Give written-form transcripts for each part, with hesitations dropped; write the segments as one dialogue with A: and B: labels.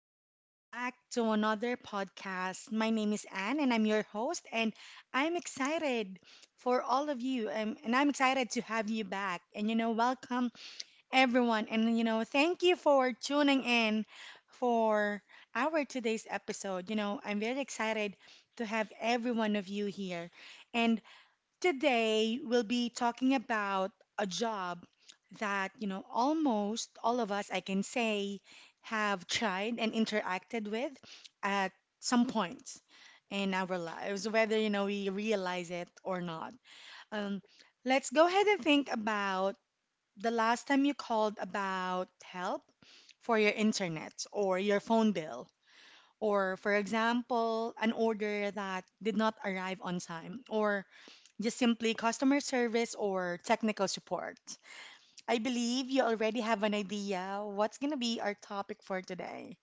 A: welcome back to another podcast. My name is Anne, and I'm your host, and I'm excited for all of you, and I'm excited to have you back. And welcome everyone, and thank you for tuning in for our today's episode. You know, I'm very excited to have every one of you here, and today we'll be talking about a job that, almost all of us, I can say, have tried and interacted with at some point in our lives, whether, we realize it or not. Um, let's go ahead and think about the last time you called about help for your internet or your phone bill. Or, for example, an order that did not arrive on time, or just simply customer service or technical support. I believe you already have an idea what's going to be our topic for today,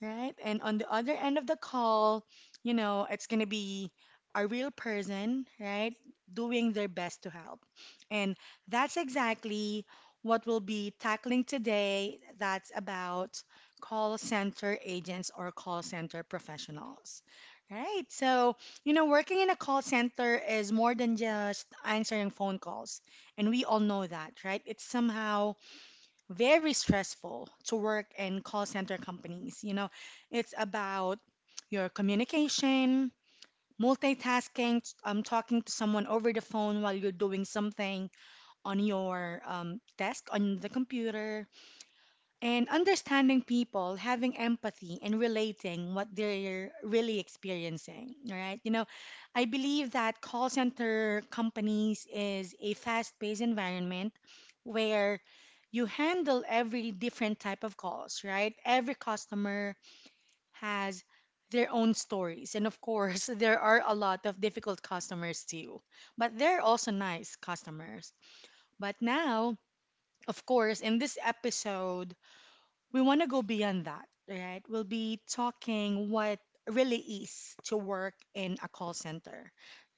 A: right? And on the other end of the call, it's going to be a real person, right? Doing their best to help. And that's exactly what we'll be tackling today. That's about call center agents or call center professionals. Right. So, you know, working in a call center is more than just answering phone calls. And we all know that, right? It's somehow very stressful to work in call center companies. You know, it's about your communication, multitasking, talking to someone over the phone while you're doing something on your desk, on the computer, and understanding people, having empathy, and relating what they're really experiencing. All right? You know, I believe that call center companies is a fast-paced environment where you handle every different type of calls, right? Every customer has their own stories. And of course, there are a lot of difficult customers too, but they're also nice customers. But now, of course, in this episode, we want to go beyond that, right? We'll be talking what really is to work in a call center,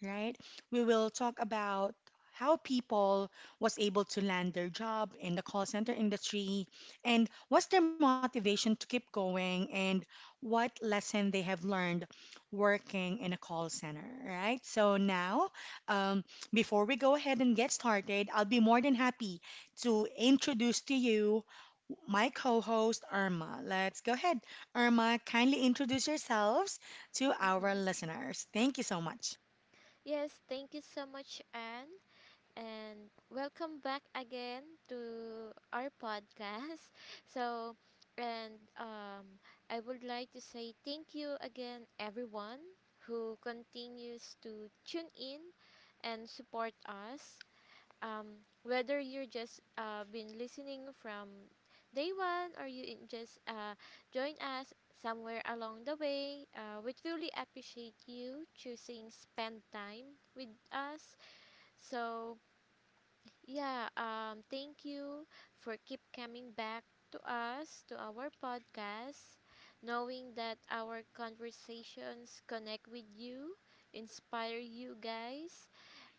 A: right? We will talk about how people was able to land their job in the call center industry and what's their motivation to keep going and what lesson they have learned working in a call center, right? So now, um, before we go ahead and get started, I'll be more than happy to introduce to you my co-host Irma. Let's go ahead. Irma, kindly introduce yourselves to our
B: Mm-hmm.
A: listeners. Thank you so much.
B: Yes, thank you so much, Anne, and welcome back again to our podcast. So, and I would like to say thank you again, everyone who continues to tune in and support us, whether you're just been listening from day one or you in- just join us somewhere along the way. We truly appreciate you choosing spend time with us. So yeah, thank you for keep coming back to our podcast, knowing that our conversations connect with you, inspire you guys,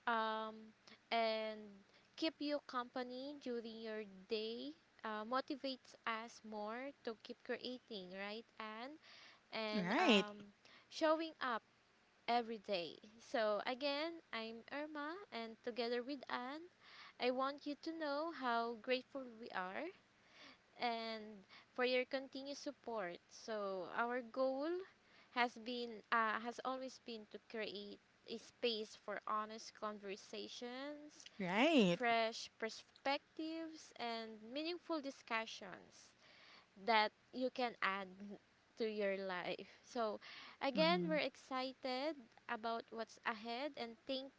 B: um, and keep you company during your day, motivates us more to keep creating, right, Anne? And
A: Right,
B: Showing up every day. So, again, I'm Irma, and together with Anne, I want you to know how grateful we are and for your continued support. So, our goal has always been to create a space for honest conversations,
A: right.
B: fresh perspectives, and meaningful discussions that you can add to your life. So, again,
A: Mhm.
B: we're excited about what's ahead, and thank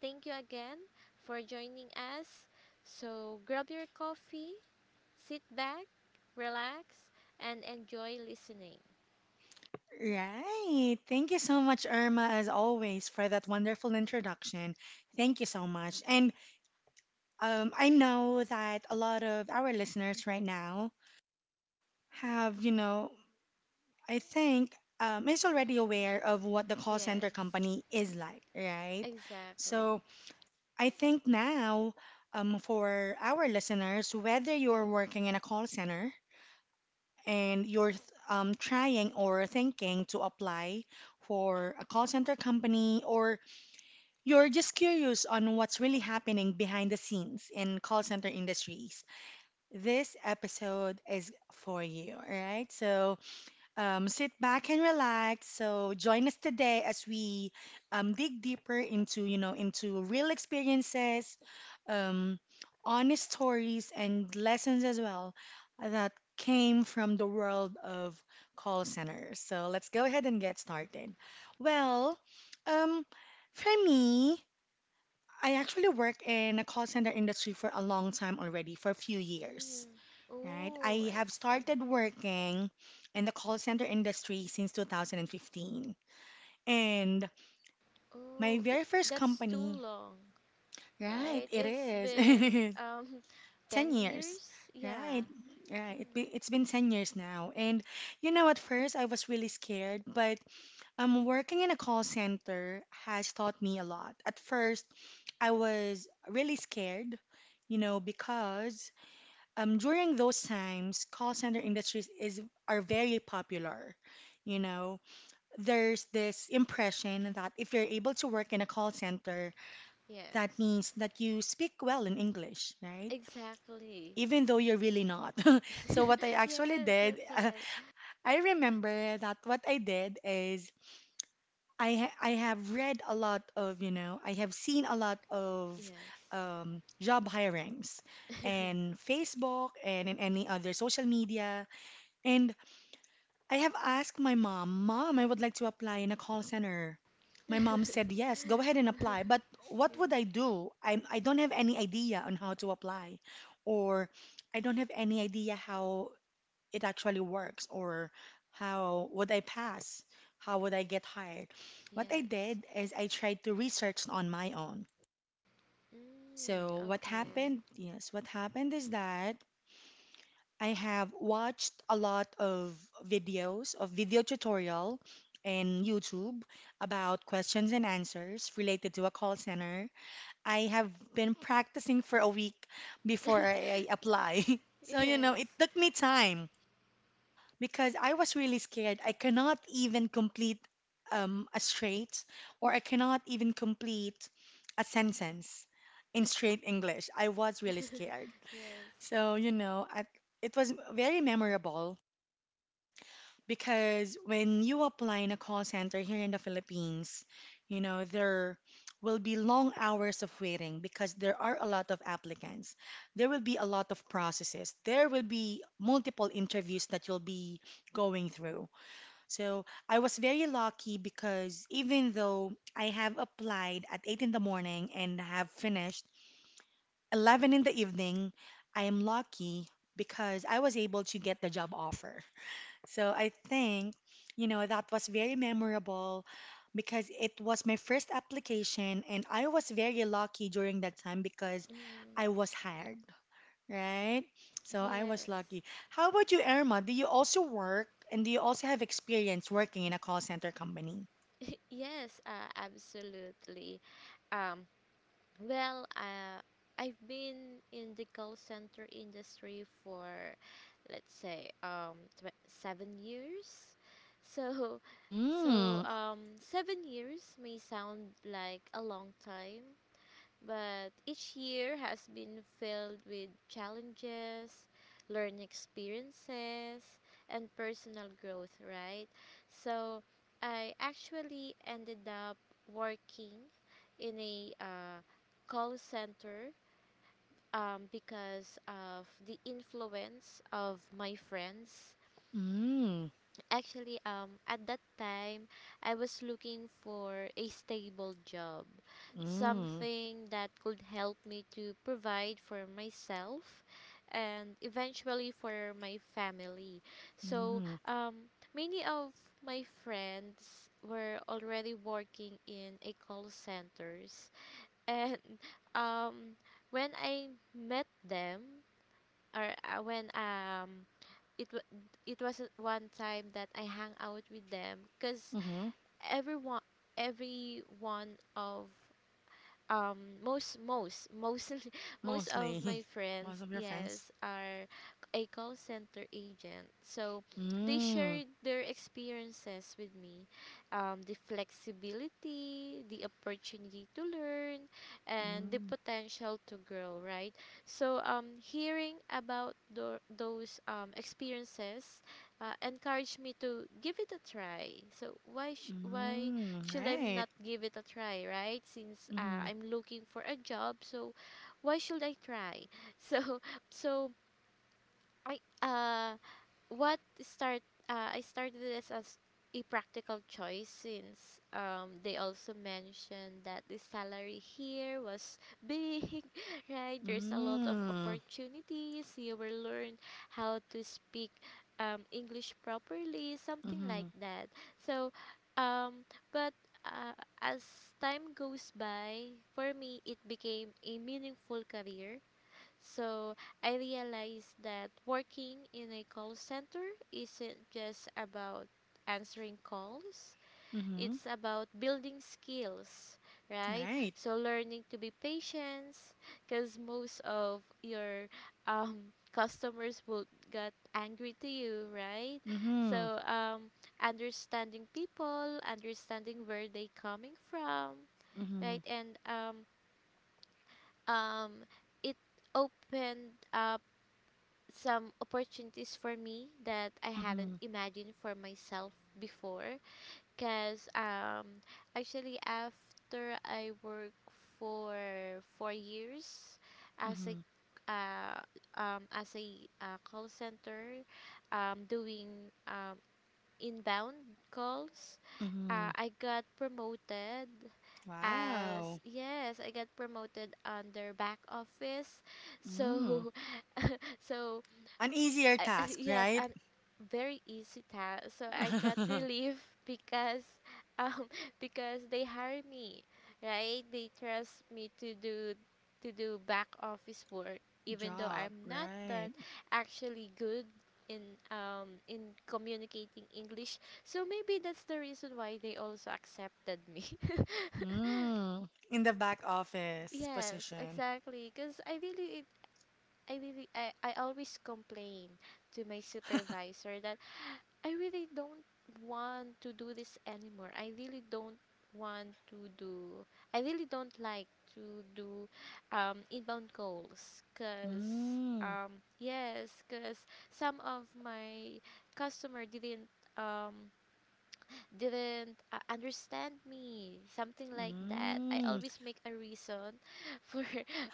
B: thank you again for joining us. So, grab your coffee, sit back, relax, and enjoy listening.
A: Right. Thank you so much, Irma, as always, for that wonderful introduction. Thank you so much. And I know that a lot of our listeners right now have, I think is already
B: Mm,
A: aware of what the call center
B: yes,
A: company is like, right?
B: exactly.
A: So I think now, for our listeners, whether you're working in a call center and trying or thinking to apply for a call center company, or you're just curious on what's really happening behind the scenes in call center industries, this episode is for you, all right? So, sit back and relax. So join us today as we dig deeper into, into real experiences, um, honest stories, and lessons as well that came from the world of call centers. So let's go ahead and get started. Well, um, for me, I actually work in a call center industry for a long time already, for a few years,
B: Mm.
A: right?
B: Oh,
A: I
B: I
A: have
B: see.
A: started working in the call center industry since 2015. And my
B: Oh, it
A: very first
B: that's too
A: company,
B: long.
A: right,
B: Right?
A: it
B: It's
A: is
B: been
A: 10
B: 10
A: years,
B: years?
A: right?
B: Yeah.
A: It's been 10 years now. And you know, at first I was really scared, but working in a call center has taught me a lot. At first, I was really scared, you know, because during those times, call center industries is are very popular. You know, there's this impression that if you're able to work in a call center, that
B: Yes.
A: means that you speak well in English, right?
B: Exactly.
A: Even though you're really not. So what I actually
B: Yes,
A: did,
B: that's right.
A: I remember that what I did is I have read a lot of, I have seen a lot of
B: Yes.
A: job hirings and Facebook and in any other social media. And I have asked my mom, "Mom, I would like to apply in a call center." My mom said, "Yes, go ahead and apply." But what would I
B: Yes.
A: do? I don't have any idea on how to apply, or I don't have any idea how it actually works, or how would I pass? How would I get hired? What I
B: Yes.
A: did is I tried to research on my own.
B: Mm,
A: So, what
B: okay.
A: happened? Yes, what happened is that I have watched a lot of videos of video tutorial and YouTube about questions and answers related to a call center. I have been practicing for a week before I apply. So, you know, it
B: Yes.
A: took me time because I was really scared. I cannot even complete a straight, or I cannot even complete a sentence in straight English. I was really scared.
B: Yes.
A: So, you know, it was very memorable because when you apply in a call center here in the Philippines, you know, there will be long hours of waiting because there are a lot of applicants. There will be a lot of processes. There will be multiple interviews that you'll be going through. So I was very lucky because even though I have applied at 8 in the morning and have finished 11 in the evening, I am lucky because I was able to get the job offer. So I think, you know, that was very memorable because it was my first application and I was very lucky during that time because
B: Mm,
A: I was hired, right? So I was
B: yes.
A: lucky. How about you, Irma? Do you also work and do you also have experience working in a call center company?
B: Yes, absolutely. Um Well, I've been in the call center industry for, let's say, 7 years. So, so
A: Mm,
B: 7 years may sound like a long time, but each year has been filled with challenges, learning experiences, and personal growth, right? So I actually ended up working in a call center, because of the influence of my friends.
A: mm,
B: Actually, at that time, I was looking for a stable job,
A: mm,
B: something that could help me to provide for myself and eventually for my family. So,
A: mm,
B: many of my friends were already working in a call centers, and um, when I met them, or when it wa it was at one time that I hang out with them because
A: mm-hmm.
B: everyone every one of um most most most most of
A: Mostly.
B: my
A: Most
B: friends,
A: of your friends.
B: yes, are a call center agent, so they
A: Mm,
B: shared their experiences with me, the flexibility, the opportunity to learn, and the
A: mm,
B: potential to grow, right? So hearing about those experiences encouraged me to give it a try. So why
A: mm,
B: should I
A: right.
B: not give it a try, right? Since I'm looking for a job, so why should I try? So so I uh what start I started this as a practical choice, since they also mentioned that the salary here was big, right? There's a lot of
A: Mm.
B: opportunities. You will learn how to speak English properly, something like
A: Mm-hmm.
B: that. So, um, but uh, as time goes by, for me, it became a meaningful career. So I realized that working in a call center isn't just about answering calls,
A: Mm-hmm.
B: it's about building skills, right?
A: Right.
B: So learning to be patient, because most of your customers will get angry to you, right?
A: Mm-hmm.
B: So understanding people, understanding where they coming from,
A: Mm-hmm.
B: right? And um, it opened up some opportunities for me that I hadn't
A: Mm-hmm.
B: imagined for myself before. Because actually, after I work for 4 years as a
A: Mm-hmm.
B: uh, call center, doing um, inbound calls,
A: Mm-hmm.
B: I got promoted as,
A: Wow.
B: yes, I got promoted under back office.
A: Mm.
B: So so
A: An easier
B: I,
A: task,
B: yes,
A: right?
B: and very easy task. So I got relief because um because they hire me, right? They trust me to do back office work, even though
A: Job,
B: I'm not
A: right.
B: that actually good in communicating English. So maybe that's the reason why they also accepted me.
A: Mm. In the back office
B: Yes,
A: position.
B: exactly. Because I always complain to my supervisor that I really don't want to do this anymore. I really don't want to do. I really don't like to do inbound calls, because
A: Mm.
B: yes, because some of my customer um didn't understand me, something like that. I
A: Mm.
B: always make a reason for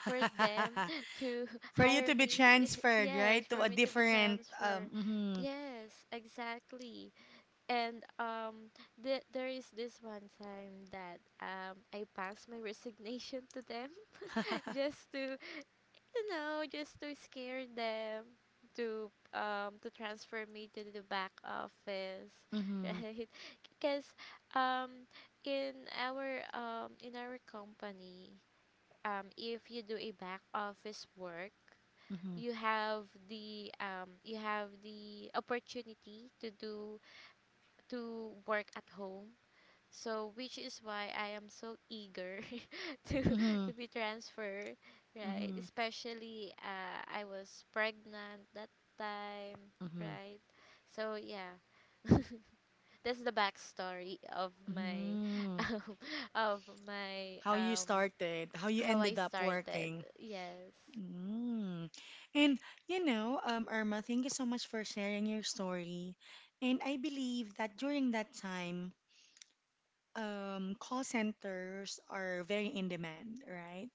B: for them to
A: For you
B: hire
A: to be
B: me,
A: transferred, right,
B: yes,
A: to
B: for
A: a
B: me to be
A: different
B: transferred,
A: mhm.
B: yes, exactly. And there is this one time that I passed my resignation to them, just to, you know, just to scare them to transfer me to the back office,
A: Mhm.
B: right? Because um, in in our company, if you do a back office work,
A: Mhm.
B: you have you have the opportunity to do to work at home, so which is why I am so eager to
A: Mhm.
B: be transferred, right?
A: Mhm.
B: Especially I was pregnant that time,
A: Mhm.
B: right? So yeah. That's the backstory of my
A: Mhm.
B: um, of my
A: How you started, how you
B: how I
A: ended up
B: started.
A: working.
B: Yes.
A: Mm. And you know, Irma, thank you so much for sharing your story. And I believe that during that time, call centers are very in demand, right?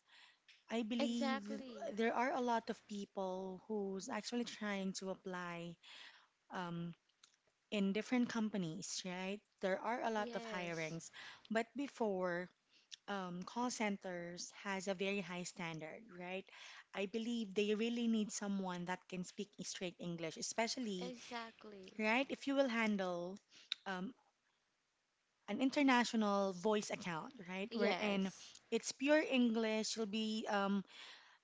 A: I believe
B: Exactly.
A: there are a lot of people who's actually trying to apply um, in different companies, right? There are a lot of
B: Yes.
A: hirings, but before call centers has a very high standard, right? I believe they really need someone that can speak straight English, especially,
B: Exactly.
A: right, if you will handle um, an international voice account, right, wherein
B: Yes.
A: it's pure English. You'll be um,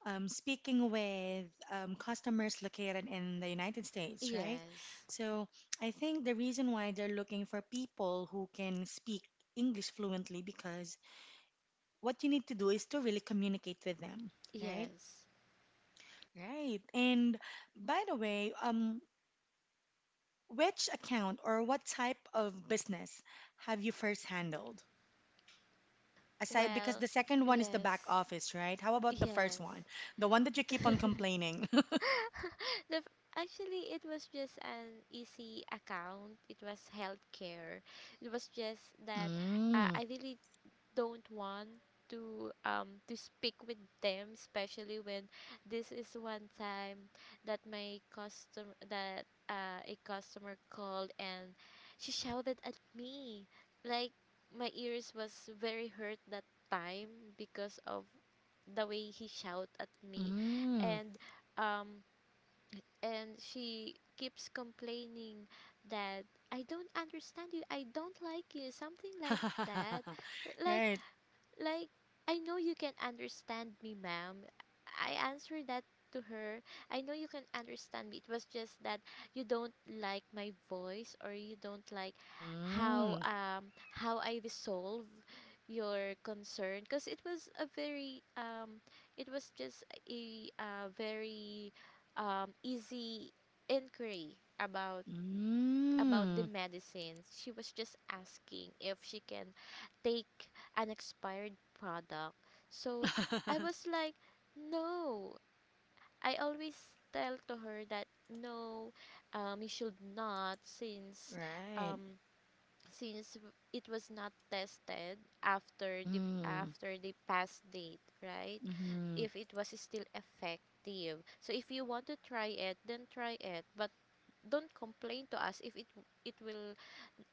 A: um, speaking with customers located in the United States, right?
B: Yes.
A: So I think the reason why they're looking for people who can speak English fluently because what you need to do is to really communicate with them, right?
B: Yes.
A: Right. And by the way, which account or what type of business have you first handled? Aside, because
B: Well,
A: the second one is the back
B: yes.
A: office, right? How about the first
B: Yes.
A: one? The one that you keep
B: the,
A: on complaining.
B: f- actually, it was just an easy account. It was healthcare. It was just that
A: Mm,
B: I really don't want to speak with them, especially when this is one time that my customer that a customer called and she shouted at me, like my ears was very hurt that time because of the way he shout at me.
A: mm.
B: And um and she keeps complaining that, I don't understand you, I don't like you, something like that. like
A: Right.
B: like, I know you can understand me, ma'am. I answered that to her. I know you can understand me. It was just that you don't like my voice, or you don't like
A: Mm,
B: how I resolve your concern, because it was a very it was just a very easy inquiry about the
A: mm.
B: medicines. She was just asking if she can take an expired product. So I was like, no. I always tell to her that no, you should not, since
A: Right.
B: um, it was not tested after the
A: Mm,
B: after the past date, right?
A: mm, mm,
B: If it was still effective. So if you want to try it, then try it, but don't complain to us if it will,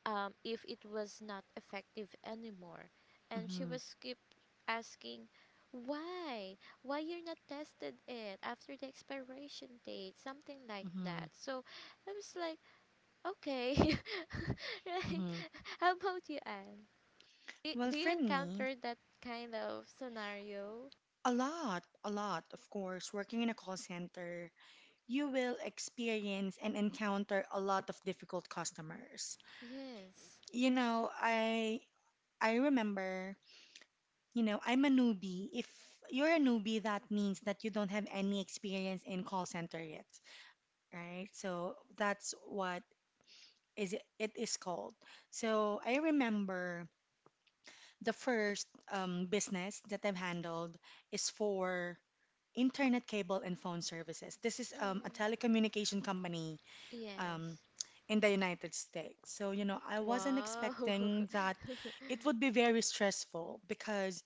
B: if it was not effective anymore. And she
A: mm,
B: was keep asking, why? Why you're not tested it after the expiration date? Something like that.
A: mm.
B: So I was like, okay, right.
A: Mm.
B: How about you, Anne? Do,
A: Well,
B: do you
A: for me,
B: encounter that kind of scenario?
A: a lot, of course, working in a call center, you will experience and encounter a lot of difficult customers.
B: Yes.
A: You know, I remember, you know, I'm a newbie. If you're a newbie, that means that you don't have any experience in call center yet, right? So that's what it is called. So I remember the first business that I've handled is for internet cable and phone services. This is a
B: Mm,
A: telecommunication company um,
B: yes.
A: in the United States. So, you know, I wasn't
B: Wow.
A: expecting that it would be very stressful because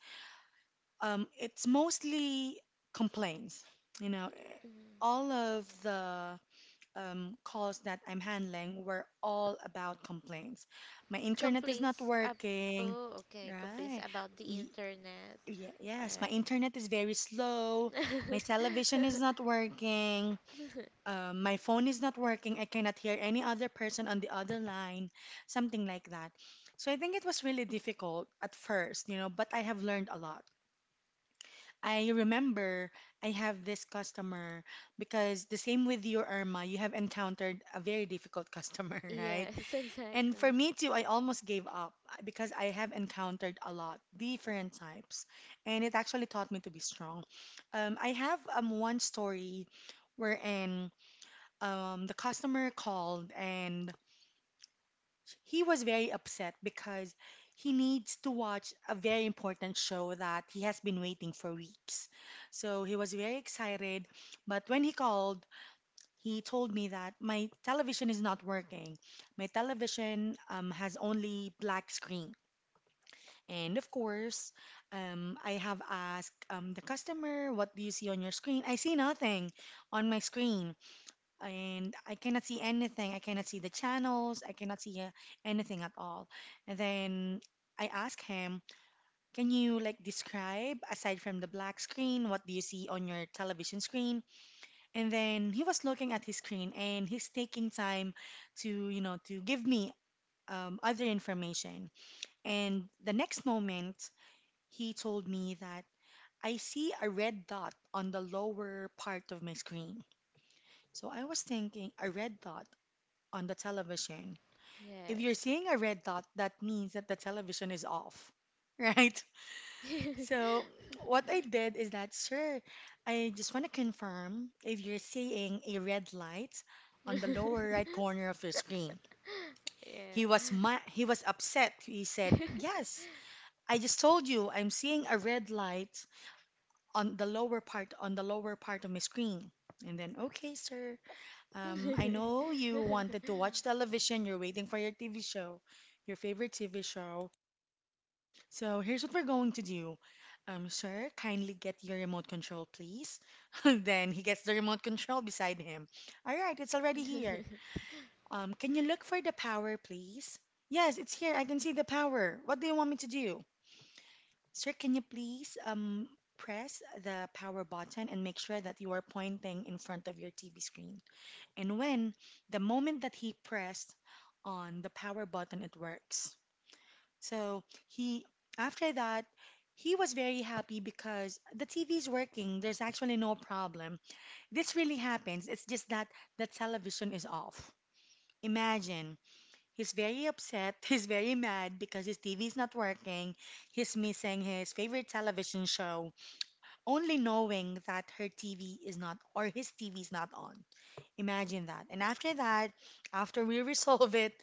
A: it's mostly complaints. You know,
B: Mm.
A: all of the calls that I'm handling were all about complaints. My internet is not
B: Complaints ab-
A: working.
B: oh, okay. Complaints
A: Right.
B: about the
A: Y-
B: internet. All
A: Yes, my
B: right.
A: internet is very slow. My television is not working. My phone is not working. I cannot hear any other person on the other line, something like that. So I think it was really difficult at first, you know, but I have learned a lot. I remember I have this customer because the same with you, Irma, you have encountered a very difficult customer, right?
B: Yes,
A: And for
B: exactly.
A: me too, I almost gave up because I have encountered a lot different types, and it actually taught me to be strong. I have one story wherein the customer called and he was very upset because he needs to watch a very important show that he has been waiting for weeks. So he was very excited, but when he called, he told me that my television is not working. My television has only black screen. And of course, I have asked the customer, "What do you see on your screen?" "I see nothing on my screen. And I cannot see anything. I cannot see the channels. I cannot see anything at all." And then I asked him, "Can you like describe, aside from the black screen, what do you see on your television screen?" And then he was looking at his screen and he's taking time to, you know, to give me other information. And the next moment, he told me that, "I see a red dot on the lower part of my screen." So I was thinking, a red dot on the television. If you're
B: Yes.
A: seeing a red dot, that means that the television is off, right? So what I did is that, "Sir, I just want to confirm if you're seeing a red light on the lower right corner of your screen." He
B: Yeah.
A: was he was upset. He said, "Yes, I just told you I'm seeing a red light on the lower part on the lower part of my screen." And then, "Okay, sir. I know you wanted to watch television. You're waiting for your TV show, your favorite TV show. So here's what we're going to do. Sir, kindly get your remote control, please." Then he gets the remote control beside him. "All right, it's already here." "Um, can you look for the power, please?" "Yes, it's here. I can see the power. What do you want me to do?" "Sir, can you please press the power button and make sure that you are pointing in front of your TV screen?" And when the moment that he pressed on the power button, it works. So he, after that, he was very happy because the TV is working. There's actually no problem. This really happens. It's just that the television is off. Imagine. He's very upset. He's very mad because his TV is not working. He's missing his favorite television show, only knowing that her TV is not, or his TV is not on. Imagine that. And after that, after we resolve it,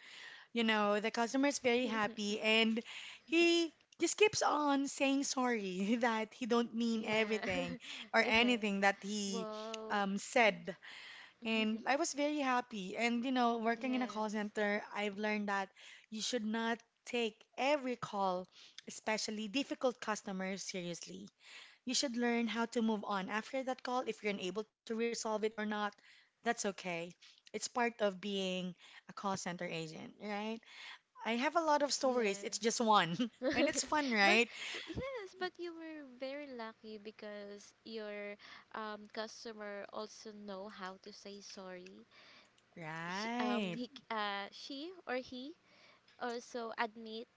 A: you know, the customer is very happy and he just keeps on saying sorry that he don't mean
B: Yeah.
A: everything or
B: Yes.
A: anything that he
B: Well.
A: said. And I was very happy. And you know, working in a call
B: Yes.
A: center, I've learned that you should not take every call, especially difficult customers, seriously. You should learn how to move on after that call. If you're unable to resolve it or not, that's okay. It's part of being a call center agent, right? I have a lot of stories. It's just
B: Yes.
A: one. And it's fun,
B: But
A: right?
B: yes, but you were very lucky because your customer also know how to say sorry,
A: Right.
B: she or he also admit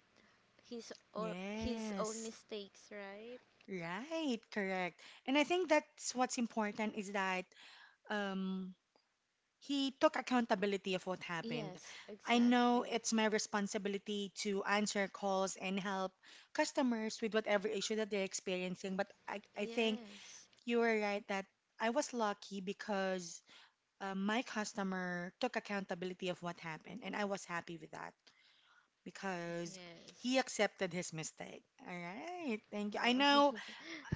B: his own
A: Yes.
B: mistakes, right?
A: Right. Correct. And I think that's what's important is that um, he took accountability of what happened.
B: Yes,
A: I know
B: exactly.
A: it's my responsibility to answer calls and help customers with whatever issue that they're experiencing, but I think
B: Yes,
A: you were right that I was lucky because my customer took accountability of what happened, and I was happy with that. Because
B: yes.
A: he accepted his mistake. All right. Thank you. I
B: Wow.
A: know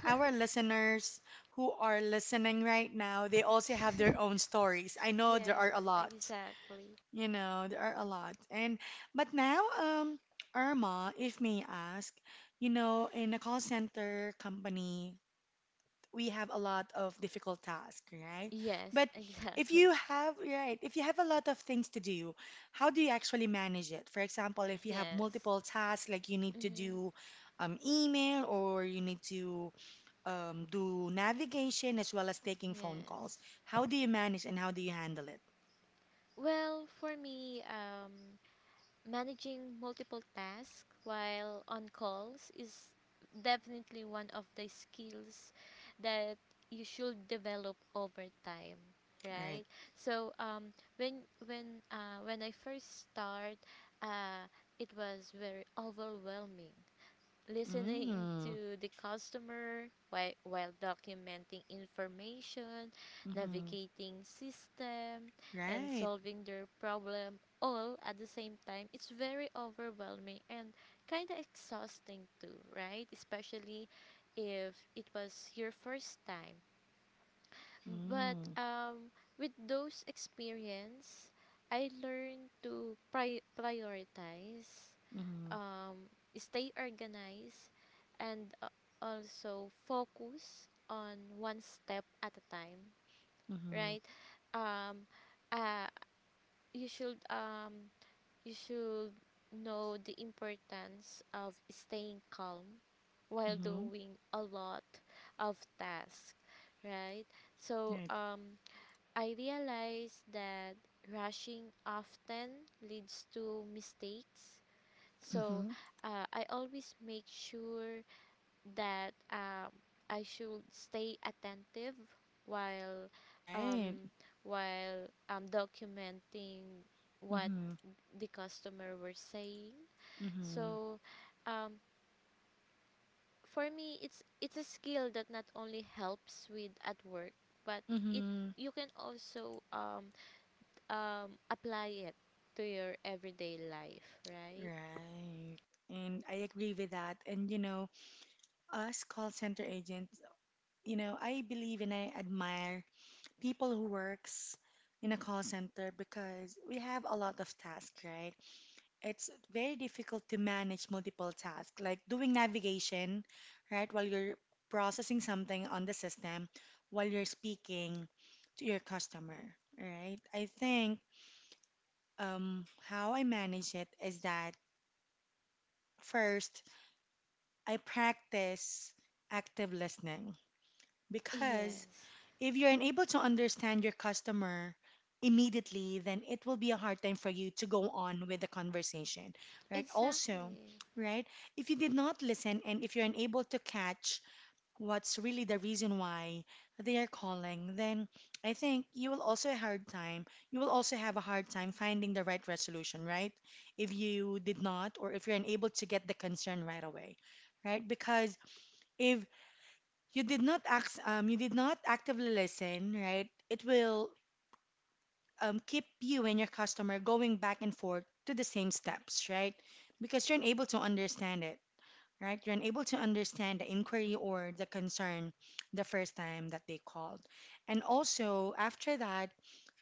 A: our listeners who are listening right now, they also have their own stories. I know there are a
B: Yes,
A: lot.
B: exactly.
A: You know, there are a lot. And but now, Irma, if may ask, you know, in a call center company, we have a lot of difficult tasks, right?
B: Yes,
A: But if
B: exactly.
A: you have, right, if you have a lot of things to do, how do you actually manage it? For example, if you have
B: Yes.
A: multiple tasks, like you need to
B: Mm-hmm.
A: do email or you need to do navigation as well as taking phone calls,
B: Yes.
A: how do you manage and how do you handle it,
B: Well, for me, managing multiple tasks while on calls is definitely one of the skills that you should develop over time,
A: right?
B: right? So when when I first start, uh it was very overwhelming, listening
A: Mm,
B: to the customer while documenting information,
A: mm-hmm,
B: navigating system, and
A: right.
B: solving their problem all at the same time. It's very overwhelming and kind of exhausting too, right? Especially if it was your first time. But
A: Mm,
B: with those experience, I learned to prioritize,
A: mm-hmm,
B: um, stay organized, and also focus on one step at a time,
A: mm-hmm,
B: right? um, uh, you should um, you should know the importance of staying calm while
A: mm-hmm,
B: doing a lot of tasks, right? So
A: right.
B: I realized that rushing often leads to mistakes, so
A: Mm-hmm.
B: I always make sure that I should stay attentive while,
A: Right.
B: um, documenting what
A: Mm-hmm.
B: the customer were saying.
A: Mm-hmm.
B: So um, for me, it's a skill that not only helps with at work, but it
A: Mm-hmm.
B: you can also apply it to your everyday life, right?
A: Right. And I agree with that. And you know, us call center agents, you know, I believe and I admire people who works in a call center because we have a lot of tasks, right? It's very difficult to manage multiple tasks, like doing navigation, right, while you're processing something on the system, while you're speaking to your customer, right? I think how I manage it is that first I practice active listening because
B: Yes,
A: if you're unable to understand your customer immediately, then it will be a hard time for you to go on with the conversation, right? Also,
B: exactly.
A: right, if you did not listen and if you're unable to catch what's really the reason why they are calling, then I think you will also have a hard time. You will also have a hard time finding the right resolution, right? If you did not, or if you're unable to get the concern right away, right? Because if you did not act, you did not actively listen, right? It will keep you and your customer going back and forth to the same steps, right? Because you're unable to understand it, right? You're unable to understand the inquiry or the concern the first time that they called, and also after that,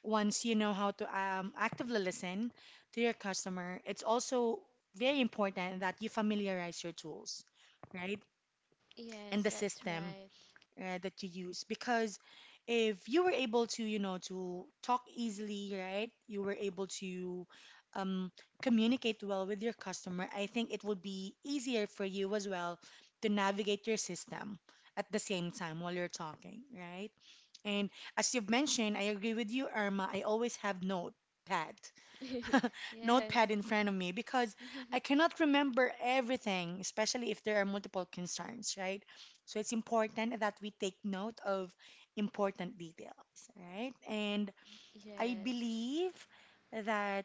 A: once you know how to actively listen to your customer, it's also very important that you familiarize your tools, right? And
B: Yes,
A: the
B: that's
A: system
B: right.
A: that you use because if you were able to you know to talk easily, right, you were able to um, communicate well with your customer, I think it would be easier for you as well to navigate your system at the same time while you're talking, right? And as you've mentioned, I agree with you, Irma. I always have notepads,
B: Yes,
A: notepad in front of me because I cannot remember everything, especially if there are multiple concerns, right? So it's important that we take note of important details, right? And I
B: yes,
A: believe that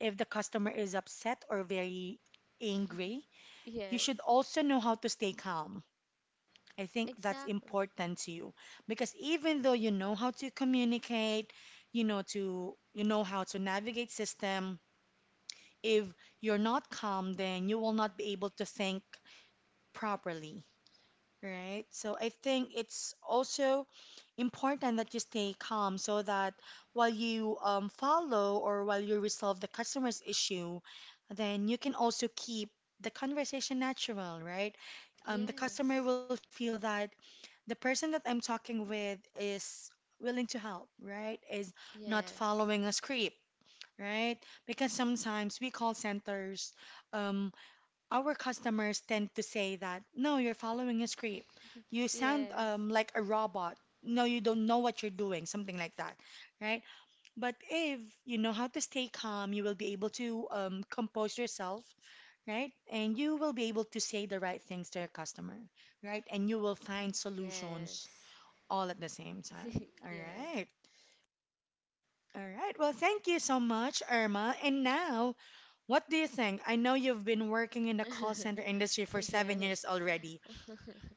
A: if the customer is upset or very angry, you
B: yes.
A: should also know how to stay calm. I think that's
B: Exactly.
A: important to you because even though you know how to communicate, you know to you know how to navigate system, if you're not calm, then you will not be able to think properly, right? So I think it's also important that you stay calm so that while you follow or while you resolve the customer's issue, then you can also keep the conversation natural, right? The customer
B: Yes,
A: will feel that the person that I'm talking with is willing to help, right? Is not
B: yes,
A: following a script, right? Because sometimes we call centers, um, our customers tend to say that, "No, you're following a script. You sound
B: yes,
A: like a robot. No, you don't know what you're doing," something like that, right? But if you know how to stay calm, you will be able to compose yourself, right? And you will be able to say the right things to your customer, right? And you will find
B: yes,
A: solutions all at the same time. All
B: yes.
A: right. All right. Well, thank you so much, Irma. And now what do you think? I know you've been working in the call center industry for seven
B: Yes,
A: years already.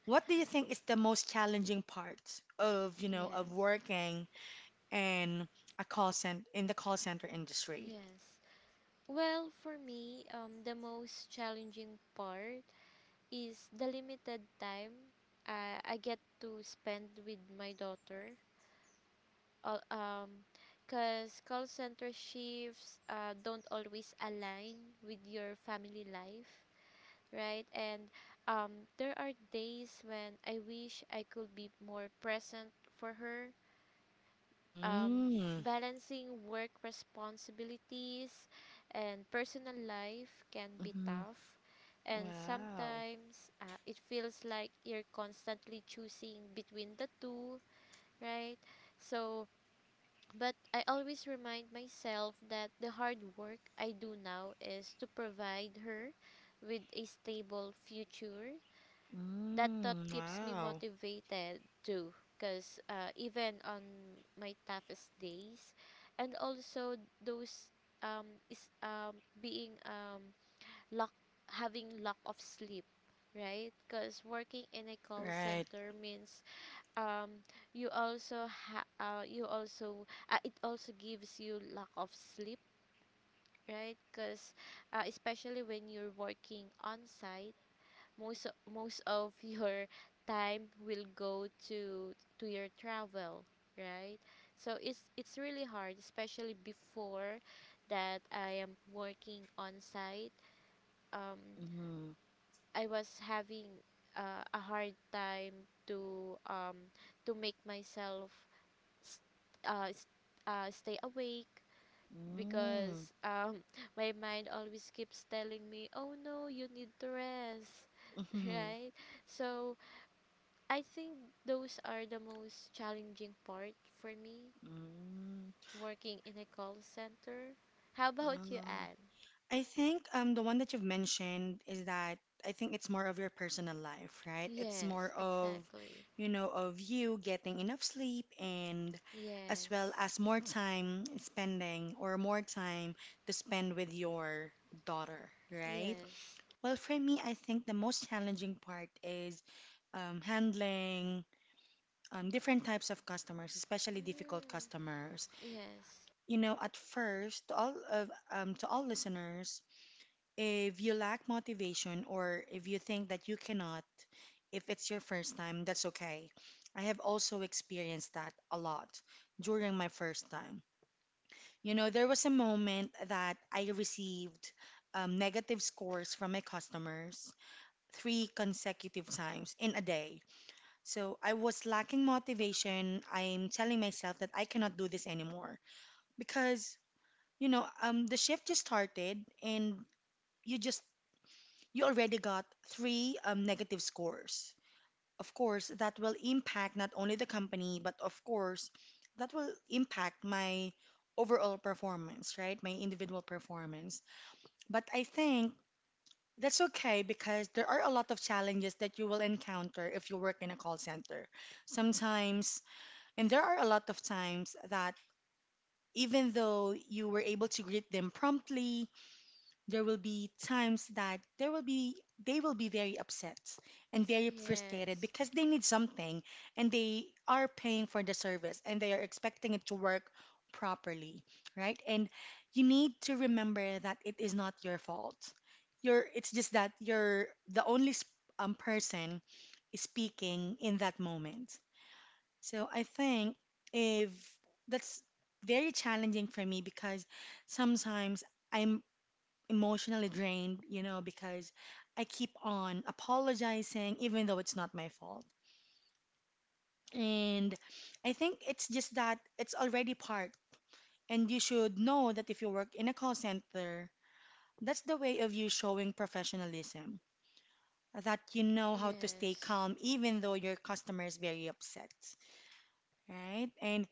A: What do you think is the most challenging part of, you know, of
B: yes,
A: working in a call center in the call center industry?
B: yes. Well, for me, the most challenging part is the limited time I get to spend with my daughter. All Because call center shifts don't always align with your family life, right? And there are days when I wish I could be more present for her. um,
A: Mm.
B: Balancing work responsibilities and personal life can be
A: Mm-hmm.
B: tough, and
A: Wow.
B: sometimes it feels like you're constantly choosing between the two, right? So but I always remind myself that the hard work I do now is to provide her with a stable future. That thought
A: Mm,
B: keeps me
A: wow.
B: motivated too, because even on my toughest days, and also those is being lack having lack of sleep, right? Because working in a call
A: Right.
B: center means, um you also you also it also gives you lack of sleep, right? Because especially when you're working on site, most of your time will go to your travel, right? So it's really hard, especially before that I am working on site. um
A: Mm-hmm.
B: I was having a hard time to um to make myself s- uh, s- stay awake,
A: Mm-hmm.
B: because my mind always keeps telling me, oh no, you need to rest,
A: Mm-hmm.
B: right? So I think those are the most challenging part for me working in a call center. How about you,
A: Mm-hmm.
B: Anne?
A: I think the one that you've mentioned is that I think it's more of your personal life, right? It's
B: Yes,
A: more of,
B: exactly.
A: you know, of you getting enough sleep and as well
B: Yes,
A: as more time spending or more time to spend with your daughter, right?
B: yes.
A: Well, for me, I think the most challenging part is handling different types of customers, especially difficult
B: Mm,
A: customers.
B: yes,
A: You know, at first, to all of to all listeners, if you lack motivation or if you think that you cannot, if it's your first time, that's okay. I have also experienced that a lot during my first time. You know, there was a moment that I received negative scores from my customers three consecutive times in a day. So I was lacking motivation. I'm telling myself that I cannot do this anymore because, you know, the shift just started and you just you already got three negative scores. Of course, that will impact not only the company, but of course, that will impact my overall performance, right? My individual performance. But I think that's okay because there are a lot of challenges that you will encounter if you work in a call center. Sometimes, and there are a lot of times that even though you were able to greet them promptly, there will be times that there will be they will be very upset and very frustrated
B: yes,
A: because they need something, and they are paying for the service and they are expecting it to work properly, right? And you need to remember that it is not your fault. You're It's just that you're the only person speaking in that moment. So I think, if that's very challenging for me because sometimes I'm emotionally drained, because I keep on apologizing even though it's not my fault. And I think it's just that it's already part. And you should know that if you work in a call center, that's the way of you showing professionalism, that you know how to stay
B: yes,
A: calm even though your customer is very upset, right? And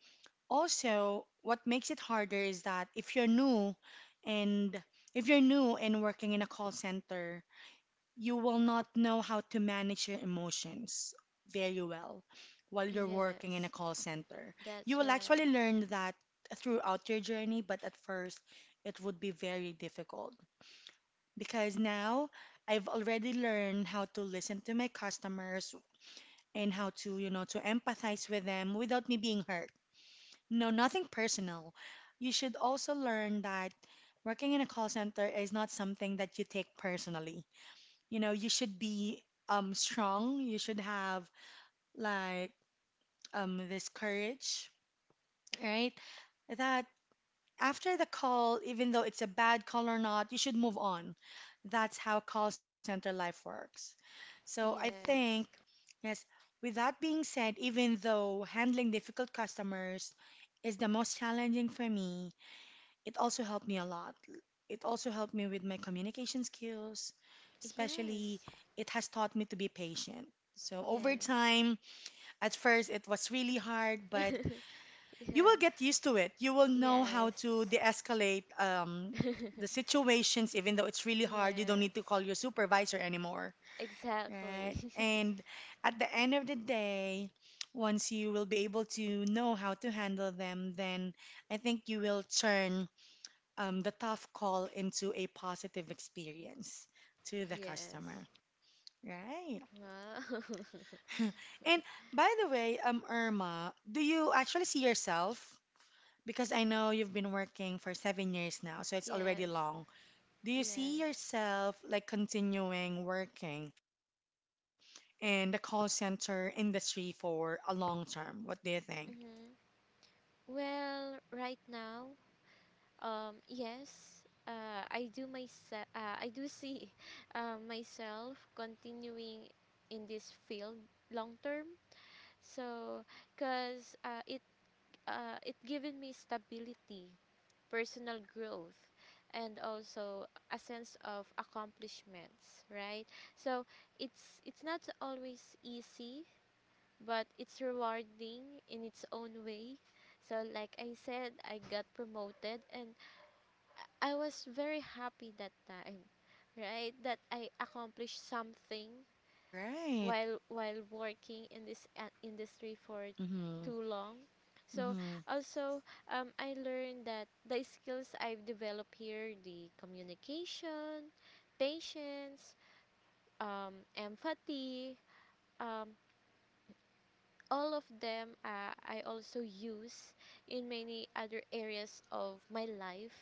A: also, what makes it harder is that if you're new and working in a call center, you will not know how to manage your emotions very well while you're working
B: yes.
A: in a call center.
B: That's
A: You will
B: right.
A: actually learn that throughout your journey, but at first, it would be very difficult because now I've already learned how to listen to my customers and how to, to empathize with them without me being hurt. No, nothing personal. You should also learn that working in a call center is not something that you take personally. You should be strong. You should have, like, this courage, right? That after the call, even though it's a bad call or not, you should move on. That's how call center life works. So I think,
B: Yes.
A: yes, with that being said, even though handling difficult customers is the most challenging for me, it also helped me a lot. It also helped me with my communication skills,
B: Yes.
A: especially it has taught me to be patient. So over
B: Yes.
A: time, at first it was really hard, but you
B: Yeah.
A: will get used to it. You will know how to
B: Yes.
A: de-escalate the situations, even though it's really hard. You don't
B: Yes.
A: need to call your supervisor anymore,
B: Exactly.
A: right? And at the end of the day, once you will be able to know how to handle them, then I think you will turn the tough call into a positive experience to the
B: Yes.
A: customer. Right.
B: Wow.
A: And by the way, Irma, do you actually see yourself? Because I know you've been working for 7 years now, so it's
B: Yes.
A: already long. Do you see
B: Yes.
A: yourself like continuing working in the call center industry for a long term? What do you think?
B: Hmm. Well, right now, yes. I do myself. I do see myself continuing in this field long term. So, cause it given me stability, personal growth, and also a sense of accomplishments, right? So it's not always easy, but it's rewarding in its own way. So like I said, I got promoted and I was very happy that time, right? That I accomplished something
A: Right.
B: while working in this industry for
A: Mm-hmm.
B: too long. So
A: Mm-hmm.
B: also, I learned that the skills I've developed here, the communication, patience, empathy, um, all of them I also use in many other areas of my life.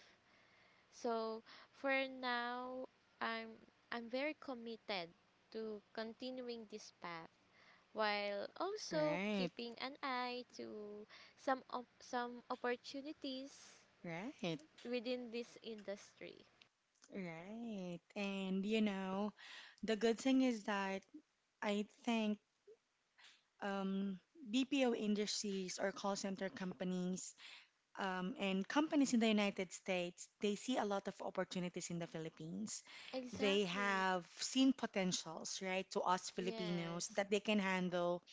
B: So for now, I'm I'm very committed to continuing this path, while also
A: Right.
B: keeping an eye to some opportunities
A: Right.
B: within this industry.
A: Right. And you know, the good thing is that I think um, BPO industries or call center companies and companies in the United States, they see a lot of opportunities in the Philippines. They
B: Exactly.
A: have seen potentials, right, to us Filipinos,
B: Yes.
A: that they can handle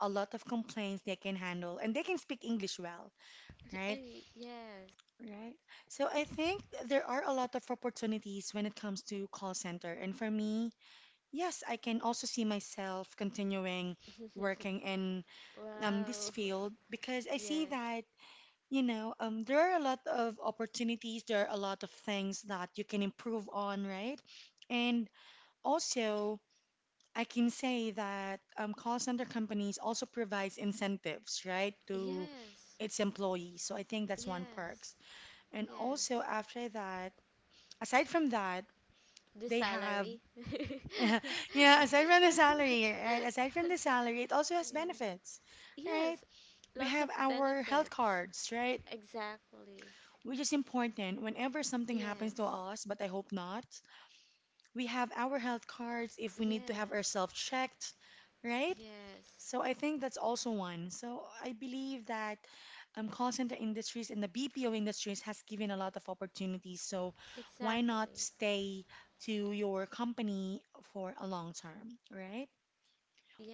A: a lot of complaints, they can handle, and they can speak English well, right?
B: Eh, yes.
A: Right. So I think there are a lot of opportunities when it comes to call center. And for me, yes, I can also see myself continuing working in
B: Wow.
A: this field, because I see
B: Yes.
A: that, you know, there are a lot of opportunities, there are a lot of things that you can improve on, right? And also, I can say that call center companies also provides incentives, right, to
B: Yes.
A: its employees. So I think that's one
B: Yes.
A: perks. And
B: Yes.
A: also after that, aside from that,
B: The
A: they have,
B: salary. Yes.
A: yeah, yeah. Aside from the salary, right? Aside from the salary, it also has benefits,
B: Yes.
A: right? We
B: Lots of
A: have our health
B: benefits.
A: cards, right?
B: Exactly.
A: Which is important whenever something happens to
B: Yes.
A: us, but I hope not. We have our health cards if we need to have
B: Yes.
A: ourselves checked, right?
B: Yes,
A: So I think that's also one. So I believe that call center industries and the BPO industries has given a lot of opportunities. So why not
B: exactly.
A: stay to your company for a long term, right?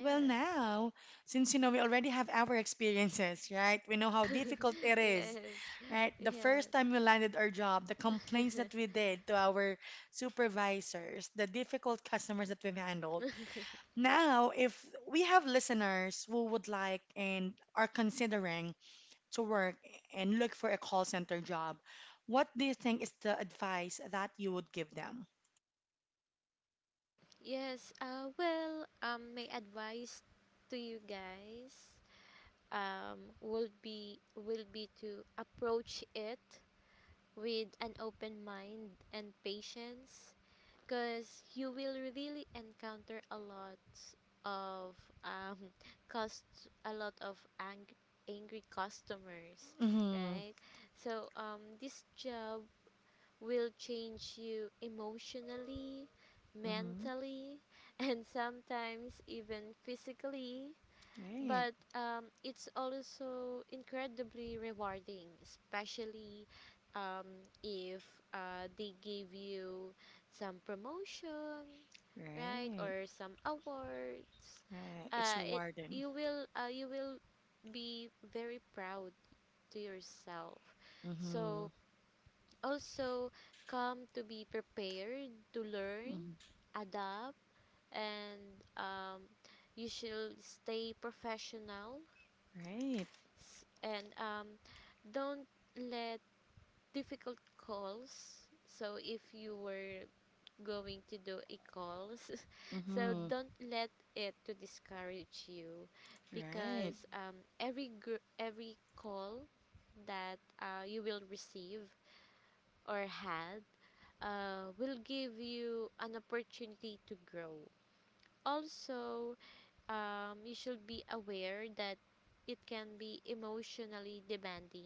A: Well, now, since you know we already have our experiences, right? We know how difficult it is,
B: Yes.
A: right? The
B: Yes.
A: first time we landed our job, the complaints that we did to our supervisors, the difficult customers that we've handled. Now, if we have listeners who would like and are considering to work and look for a call center job, what do you think is the advice that you would give them?
B: Yes. Well, my advice to you guys will be to approach it with an open mind and patience, because you will really encounter a lot of um cost, a lot of angry customers,
A: Mm-hmm.
B: right? So this job will change you emotionally,
A: Mm-hmm.
B: mentally, and sometimes even physically, but
A: Right.
B: it's also incredibly rewarding, especially if they give you some promotion, right,
A: Right.
B: or some awards.
A: Right. It's
B: It You
A: rewarding.
B: will be very proud to yourself. So
A: Mm-hmm.
B: also come to be prepared to learn,
A: Mm-hmm.
B: adapt, and you should stay professional.
A: Right.
B: S- and Don't let difficult calls, so if you were going to do a calls, so
A: Mm-hmm.
B: don't let it to discourage you, because
A: Right.
B: every call that you will receive or had will give you an opportunity to grow. Also, you should be aware that it can be emotionally demanding.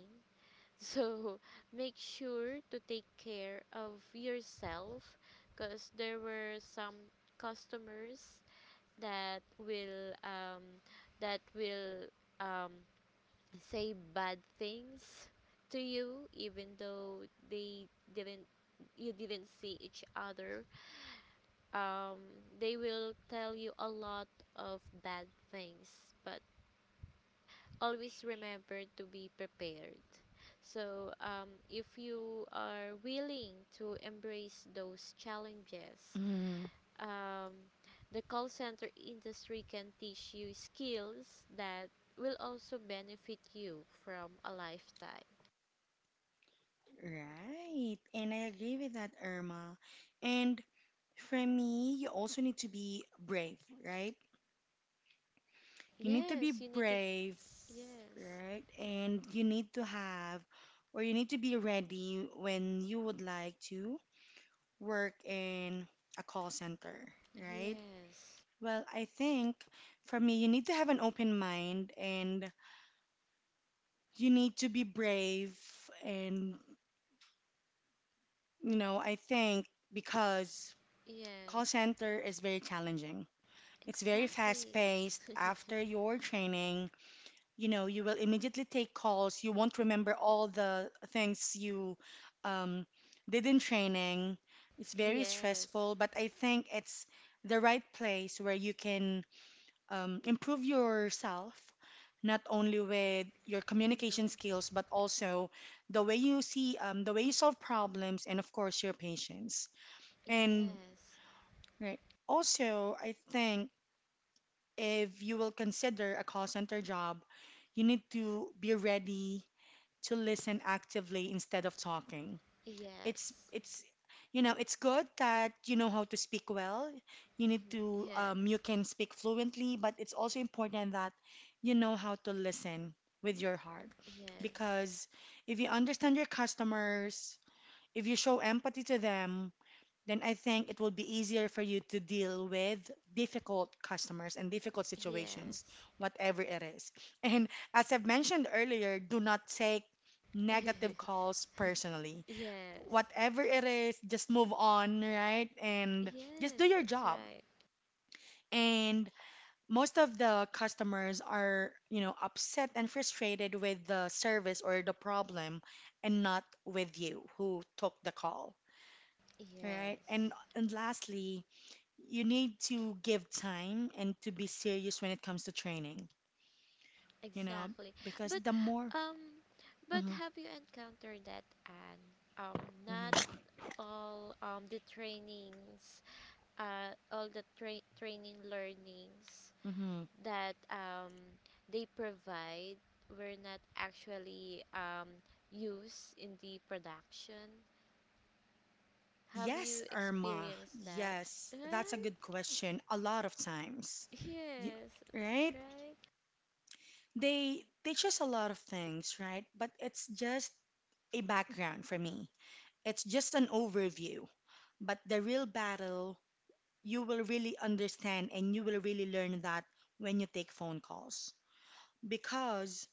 B: So make sure to take care of yourself, because there were some customers that will that will um, say bad things to you, even though they didn't you didn't see each other. um, they will tell you a lot of bad things, but always remember to be prepared. So, if you are willing to embrace those challenges,
A: Mm-hmm.
B: um, the call center industry can teach you skills that will also benefit you from a lifetime.
A: Right. And I agree with that, Irma. And for me, you also need to be brave, right? You need to
B: Yes,
A: be
B: you need to.
A: brave,
B: Yes,
A: right? And you need to have, or you need to be ready when you would like to work in a call center, right?
B: yes,
A: Well, I think for me, you need to have an open mind, and you need to be brave, and I think, because call
B: yes,
A: center is very challenging, it's very fast
B: exactly.
A: paced. After your training, you know, you will immediately take calls. You won't remember all the things you um, did in training. It's very
B: Yes,
A: stressful, but I think it's the right place where you can improve yourself, not only with your communication
B: mm-hmm.
A: skills but also the way you see, the way you solve problems, and of course your patience. And
B: Yes,
A: right, also I think, if you will consider a call center job, you need to be ready to listen actively instead of talking. it's
B: yes,
A: it's you know, it's good that you know how to speak well. You need to
B: yes.
A: you can speak fluently, but it's also important that you know how to listen with your heart,
B: Yes.
A: because if you understand your customers, if you show empathy to them, then I think it will be easier for you to deal with difficult customers and difficult situations,
B: Yes.
A: whatever it is. And as I've mentioned earlier, do not take negative calls personally.
B: Yes.
A: Whatever it is, just move on, right? And
B: Yes,
A: just do your
B: that's
A: job.
B: right.
A: And most of the customers are, you know, upset and frustrated with the service or the problem and not with you who took the call, right?
B: Yes.
A: And lastly, you need to give time and to be serious when it comes to training, you know,
B: Exactly. But
A: because the more.
B: um have
A: Hmm.
B: you encountered that, Anne? Um Not
A: Hmm.
B: all, the trainings, training learnings
A: Hmm.
B: that they provide, were not actually used in the production. Have you
A: Yes, Irma.
B: experienced that?
A: Yes,
B: Right?
A: that's a good question. A lot of times, you,
B: Yes,
A: right?
B: right?
A: They teach us a lot of things, right? But it's just a background for me. It's just an overview. But the real battle, you will really understand and you will really learn that when you take phone calls. Because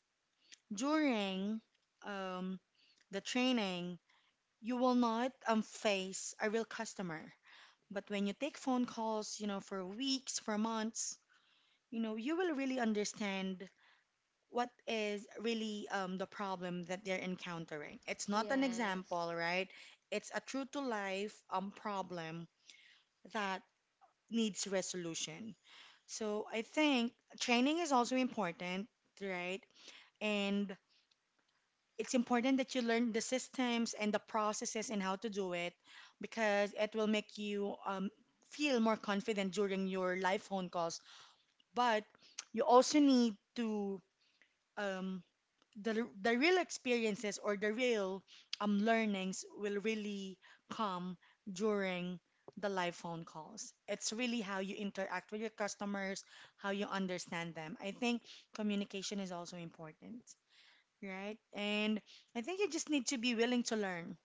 A: during um, the training, you will not face a real customer. But when you take phone calls, you know, for weeks, for months, you know, you will really understand what is really the problem that they're encountering. It's not an
B: Yes.
A: example, right? It's a true to life problem that needs resolution. So I think training is also important, right? And it's important that you learn the systems and the processes and how to do it, because it will make you feel more confident during your live phone calls. But you also need to um, the real experiences or the real learnings will really come during the live phone calls. It's really how you interact with your customers, how you understand them. I think communication is also important, right? And I think you just need to be willing to learn,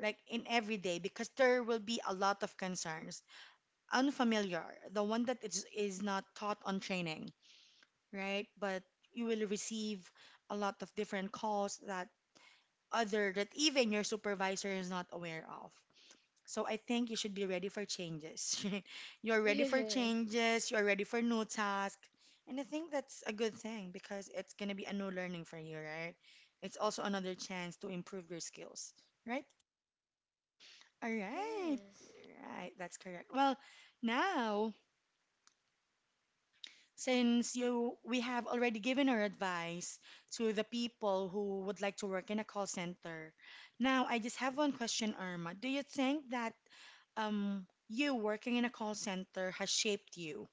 A: like in every day, because there will be a lot of concerns. Unfamiliar, the one that is not taught on training, right? But you will receive a lot of different calls that other, that even your supervisor is not aware of. So I think you should be ready for changes. You're ready for
B: Yes.
A: changes, you're ready for new tasks. And I think that's a good thing because it's going to be a new learning for you, right? It's also another chance to improve your skills, right? All right.
B: Yes.
A: Right, that's correct. Well, now, since you we have already given our advice to the people who would like to work in a call center. Now I just have one question, Irma. Do you think that you working in a call center has shaped you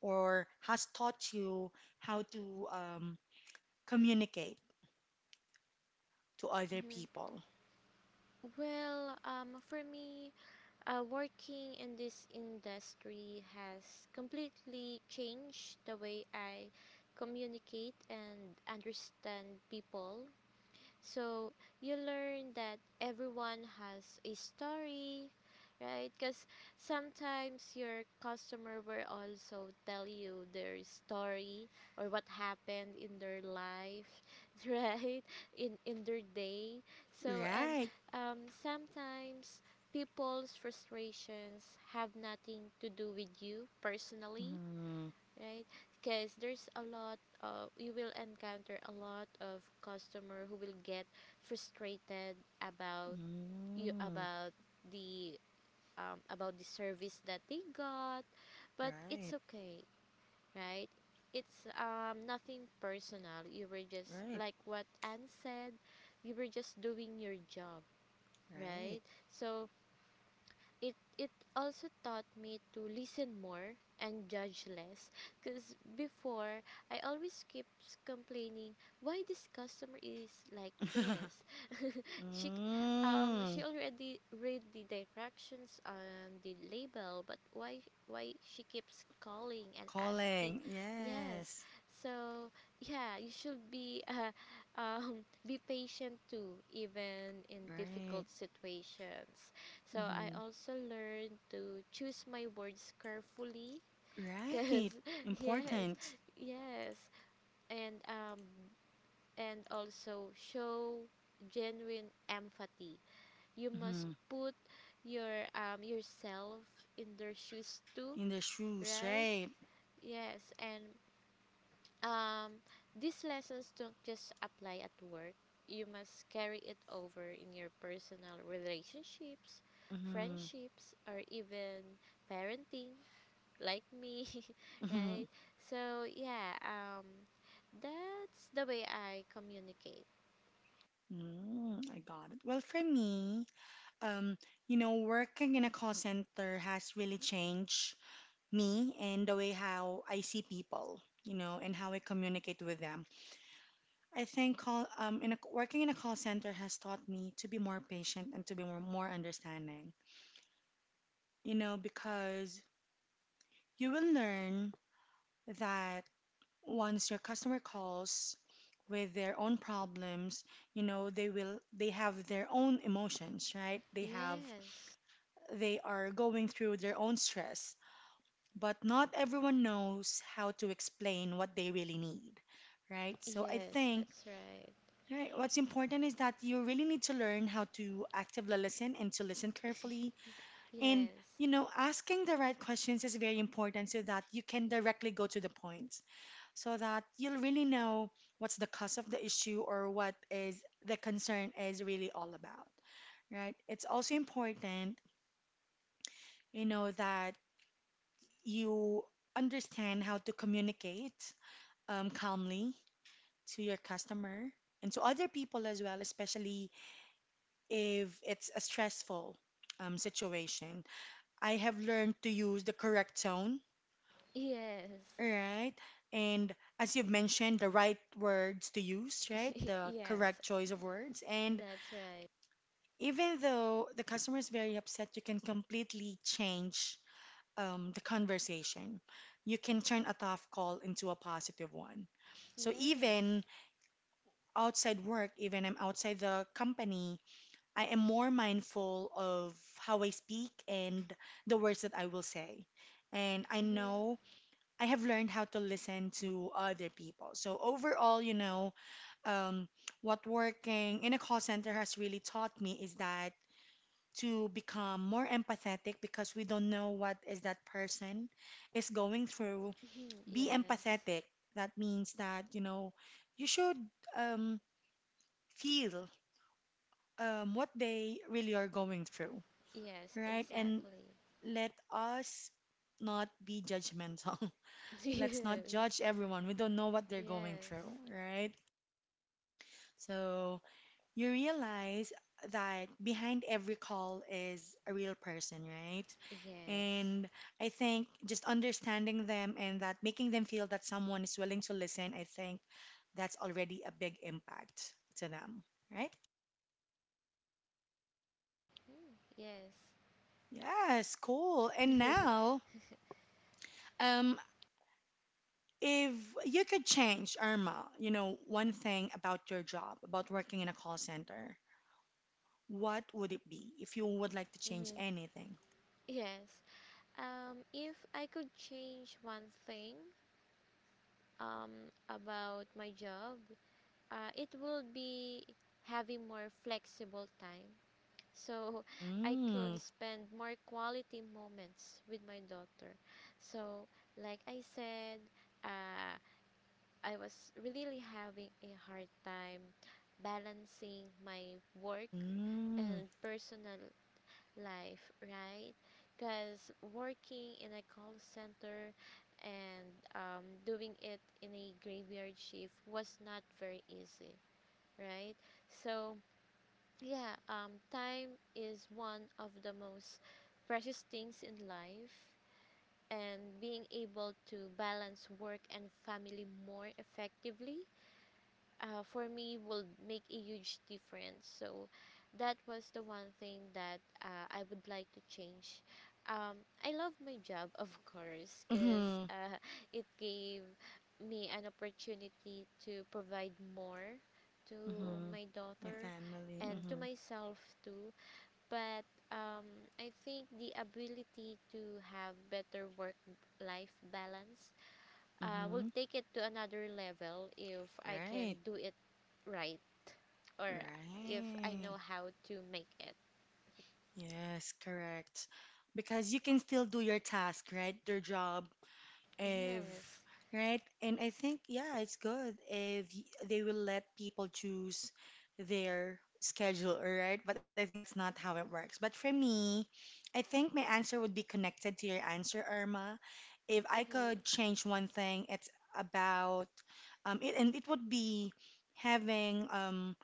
A: or has taught you how to communicate to other
B: Mhm.
A: people.
B: Well, for me, working in this industry has completely changed the way I communicate and understand people. So you learn that everyone has a story, right? Because sometimes your customer will also tell you their story, or what happened in their life, right? In their day. So, and
A: Right.
B: sometimes people's frustrations have nothing to do with you personally,
A: Mm.
B: right? Because there's a lot of you will encounter a lot of customer who will get frustrated about you
A: Mm.
B: about the about the service that they got, but it's
A: Right,
B: okay, right? It's nothing personal. You were just like
A: right,
B: what Anne said, you were just doing your job, right?
A: right.
B: So it also taught me to listen more and judge less, because before I always keeps complaining why this customer is like this. she she
A: Mm.
B: already read the directions on the label, but why she keeps calling and asking.
A: Calling.
B: Yes,
A: Yes.
B: so yeah, you should be be patient too, even in difficult
A: Right.
B: situations. So I
A: Hmm.
B: also learned to choose my words carefully, because
A: Right.
B: yes,
A: Important.
B: yes, and um and also show genuine empathy. You must
A: Mm.
B: put yourself in their shoes too,
A: In the shoes,
B: right?
A: right?
B: Yes, and Um, these lessons don't just apply at work. You must carry it over in your personal relationships,
A: Mm.
B: friendships, or even parenting, like me, right?
A: Mm.
B: So, yeah, that's the way I communicate.
A: Mm. I got it. Well, for me, um, you know, working in a call center has really changed me and the way how I see people, you know, and how I communicate with them. I think working in a call center has taught me to be more patient and to be more, understanding. You know, because you will learn that once your customer calls with their own problems, you know, they have their own emotions, right? They have
B: Yes.
A: they are going through their own stress, but not everyone knows how to explain what they really need, right? So I
B: Yes, that's
A: think,
B: right.
A: right, what's important is that you really need to learn how to actively listen and to listen carefully. And,
B: Yes.
A: you know, asking the right questions is very important so that you can directly go to the point, so that you'll really know what's the cause of the issue or what is the concern is really all about, right? It's also important, you know, that you understand how to communicate calmly to your customer and to other people as well, especially if it's a stressful situation. I have learned to use the correct tone,
B: Yes.
A: right? And as you've mentioned, the right words to use, right? The
B: Yes,
A: correct choice of words. And
B: that's right.
A: even though the customer is very upset, you can completely change the conversation. You can turn a tough call into a positive one. So
B: Yes.
A: even outside work, even I'm outside the company, I am more mindful of how I speak and the words that I will say. And I
B: Mm-hmm.
A: know I have learned how to listen to other people. So overall, you know, um, what working in a call center has really taught me is that to become more empathetic because we don't know what is that person is going through. Be
B: Yes.
A: empathetic. That means that, you know, you should, um, feel, what they really are going through,
B: Yes,
A: right? And
B: exactly.
A: let us not be judgmental.
B: Yes.
A: Let's not judge everyone. We don't know what they're going
B: Yes.
A: through, right? So you realize that behind every call is a real person, right?
B: Yes.
A: And I think just understanding them and that making them feel that someone is willing to listen, I think that's already a big impact to them, right?
B: Mm, yes.
A: Yes, cool. And now, um, if you could change, Irma, you know, one thing about your job, about working in a call center, what would it be if you would like to
B: Mhm.
A: change anything?
B: Yes. If I could change one thing about my job, it would be having more flexible time. So I could
A: Mm,
B: spend more quality moments with my daughter. So, like I said, uh, I was really having a hard time balancing my work and
A: mm,
B: personal life, right? Because working in a call center and doing it in a graveyard shift was not very easy, right? So, yeah, time is one of the most precious things in life, and being able to balance work and family more effectively for me will make a huge difference. So that was the one thing that I would like to change. Um, I love my job, of course, because
A: mm-hmm,
B: it gave me an opportunity to provide more to my
A: mm-hmm.
B: daughter
A: Your
B: and
A: family,
B: to
A: mm-hmm,
B: myself too. But I think the ability to have better work life balance will
A: mm-hmm.
B: take it to another level if I can do
A: Right,
B: it right, or if I know
A: right.
B: how to make it.
A: Yes, correct. Because you can still do your task, right? Your job, if,
B: Yes.
A: right? And I think, yeah, it's good if they will let people choose their schedule, right? But I think that's not how it works. But for me, I think my answer would be connected to your answer, Irma. If I
B: Mm-hmm.
A: could change one thing, it's about, it, and it would be having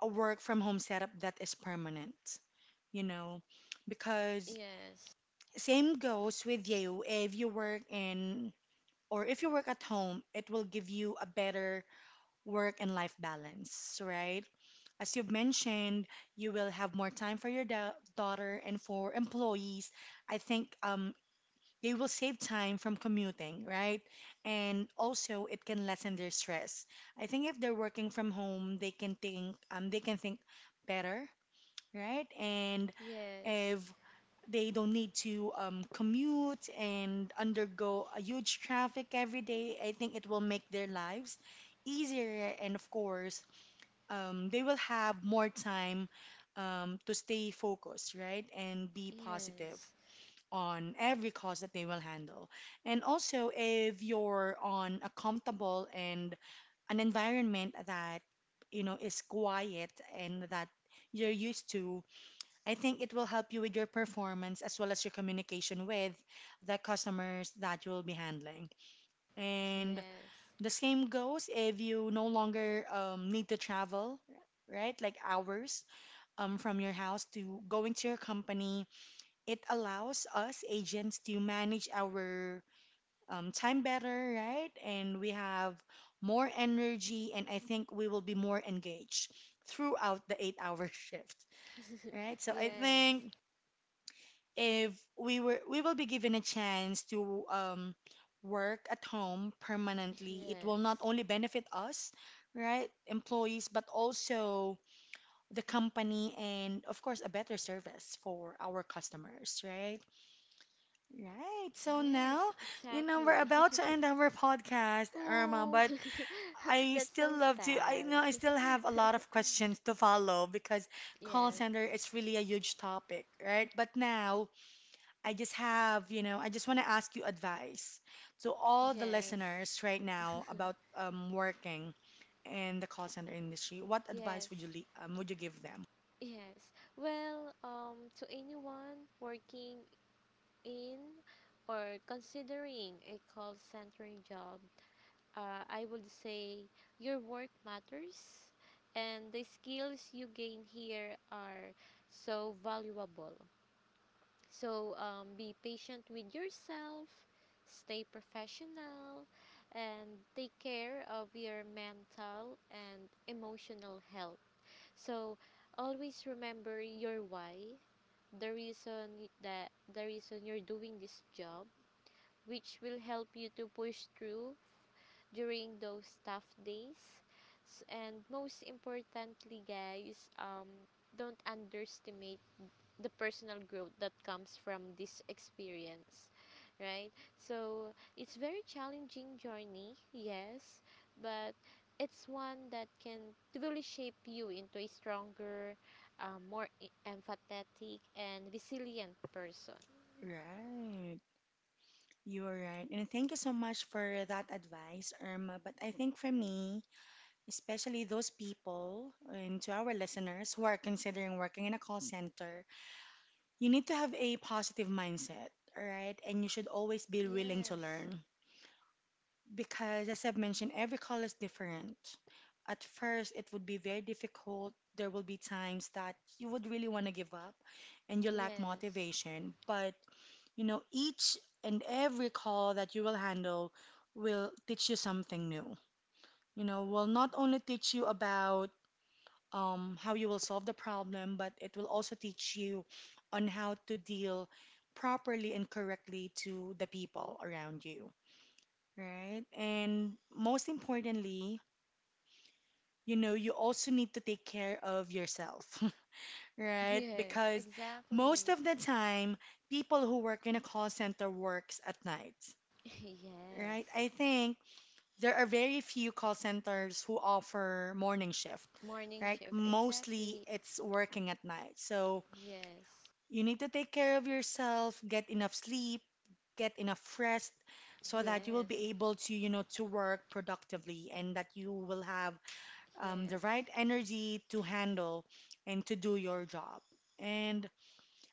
A: a work from home setup that is permanent, you know, because
B: Yes.
A: same goes with you. If you work in or if you work at home, it will give you a better work and life balance, right? As you've mentioned, you will have more time for your da daughter and for employees. I think they will save time from commuting, right? And also, it can lessen their stress. I think if they're working from home, they can think better, right? And
B: Yes.
A: if they don't need to commute and undergo a huge traffic every day, I think it will make their lives easier, and of course, they will have more time to stay focused, right, and be
B: Yes.
A: positive on every cause that they will handle. And also, if you're on a comfortable and an environment that you know is quiet and that you're used to, I think it will help you with your performance as well as your communication with the customers that you will be handling. And
B: Yes.
A: the same goes if you no longer need to travel, right? Like hours from your house to going to your company. It allows us agents to manage our time better, right? And we have more energy, and I think we will be more engaged throughout the 8 hour shift. Right, so I
B: Yes.
A: think if we will be given a chance to work at home permanently, it will
B: Yes.
A: not only benefit us, right, employees, but also the company, and of course, a better service for our customers, right? Right, so
B: Yes,
A: now, you know,
B: exactly.
A: we're about to end our podcast,
B: Oh,
A: Irma, but
B: that's
A: I
B: so
A: still love to,
B: sad.
A: I know I still have a lot of questions to follow, because
B: Yes,
A: call center is really a huge topic, right? But now I just want to ask you advice to all the
B: yes,
A: listeners right now about working in the call center industry. What
B: yes,
A: advice would you would you give them?
B: yes. Well, to anyone working in or considering a call centering job, I would say your work matters, and the skills you gain here are so valuable. So be patient with yourself, stay professional, and take care of your mental and emotional health. So always remember your why, the reason you're doing this job, which will help you to push through during those tough days. And most importantly, guys, don't underestimate the personal growth that comes from this experience, right? So it's very challenging journey, yes, but it's one that can really shape you into a stronger, more empathetic and resilient person.
A: Right. You are right. And thank you so much for that advice, Irma. But I think for me, especially those people and to our listeners who are considering working in a call center, you need to have a positive mindset, all right? And you should always be willing to
B: Yes,
A: learn. Because, as I've mentioned, every call is different. At first, it would be very difficult. There will be times that you would really want to give up and you lack
B: yes.
A: motivation. But, you know, each and every call that you will handle will teach you something new. You know, will not only teach you about how you will solve the problem, but it will also teach you on how to deal properly and correctly to the people around you, right? And most importantly, you know, you also need to take care of yourself, right?
B: Yes,
A: Because
B: exactly.
A: most of the time, people who work in a call center works at night,
B: Yes.
A: right? I think there are very few call centers who offer morning shift,
B: Morning shift,
A: right?
B: exactly.
A: Mostly it's working at night. So
B: Yes.
A: you need to take care of yourself, get enough sleep, get enough rest so that you
B: Yes.
A: will be able to, you know, to work productively and that you will have
B: Yes.
A: the right energy to handle and to do your job. And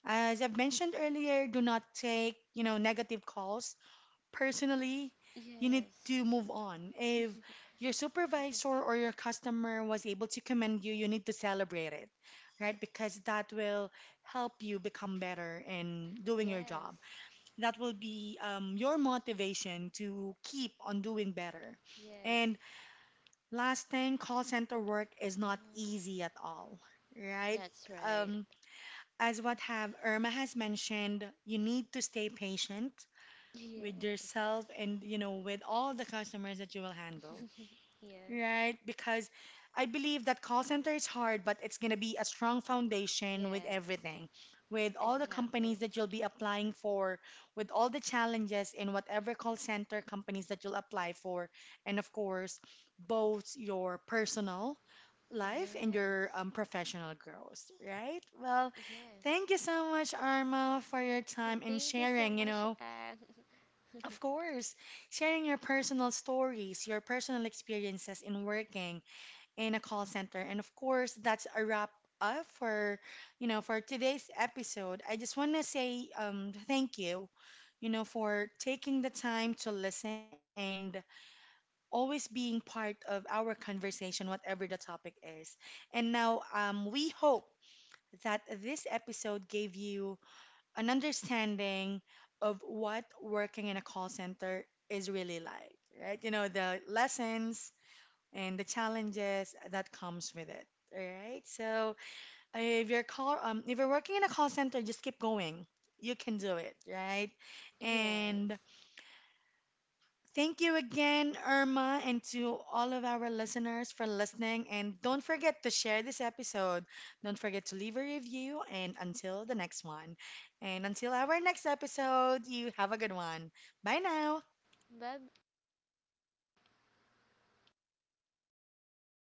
A: as I've mentioned earlier, do not take, you know, negative calls personally. You need
B: Yes.
A: to move on. If your supervisor or your customer was able to commend you, you need to celebrate it, right? Because that will help you become better in doing your
B: Yes.
A: job. That will be your motivation to keep on doing better.
B: Yes.
A: And last thing, call center work is not
B: Hmm.
A: easy at all, right?
B: That's right.
A: Um, as what have Irma has mentioned, you need to stay patient with
B: Yes.
A: yourself and you know with all the customers that you will handle.
B: Yes.
A: Right, because I believe that call center is hard, but it's going to be a strong foundation
B: Yes.
A: with everything, with all the
B: Exactly.
A: companies that you'll be applying for, with all the challenges in whatever call center companies that you'll apply for, and of course, both your personal life and
B: Yes.
A: your professional growth, right? Well,
B: Yes.
A: thank you so much, Arma, for your time
B: Thank
A: and
B: you so
A: sharing,
B: much,
A: you know.
B: Anne.
A: Of course, sharing your personal stories, your personal experiences in working in a call center. And of course, that's a wrap up for, you know, for today's episode. I just want to say thank you, you know, for taking the time to listen and always being part of our conversation, whatever the topic is. And now we hope that this episode gave you an understanding of what working in a call center is really like, right? You know, the lessons and the challenges that comes with it. All right. So if you're call if you're working in a call center, just keep going. You can do it, right?
B: Yes.
A: And thank you again, Irma, and to all of our listeners for listening. And don't forget to share this episode. Don't forget to leave a review. And until the next one, and until our next episode, you have a good one. Bye now.
B: Bye.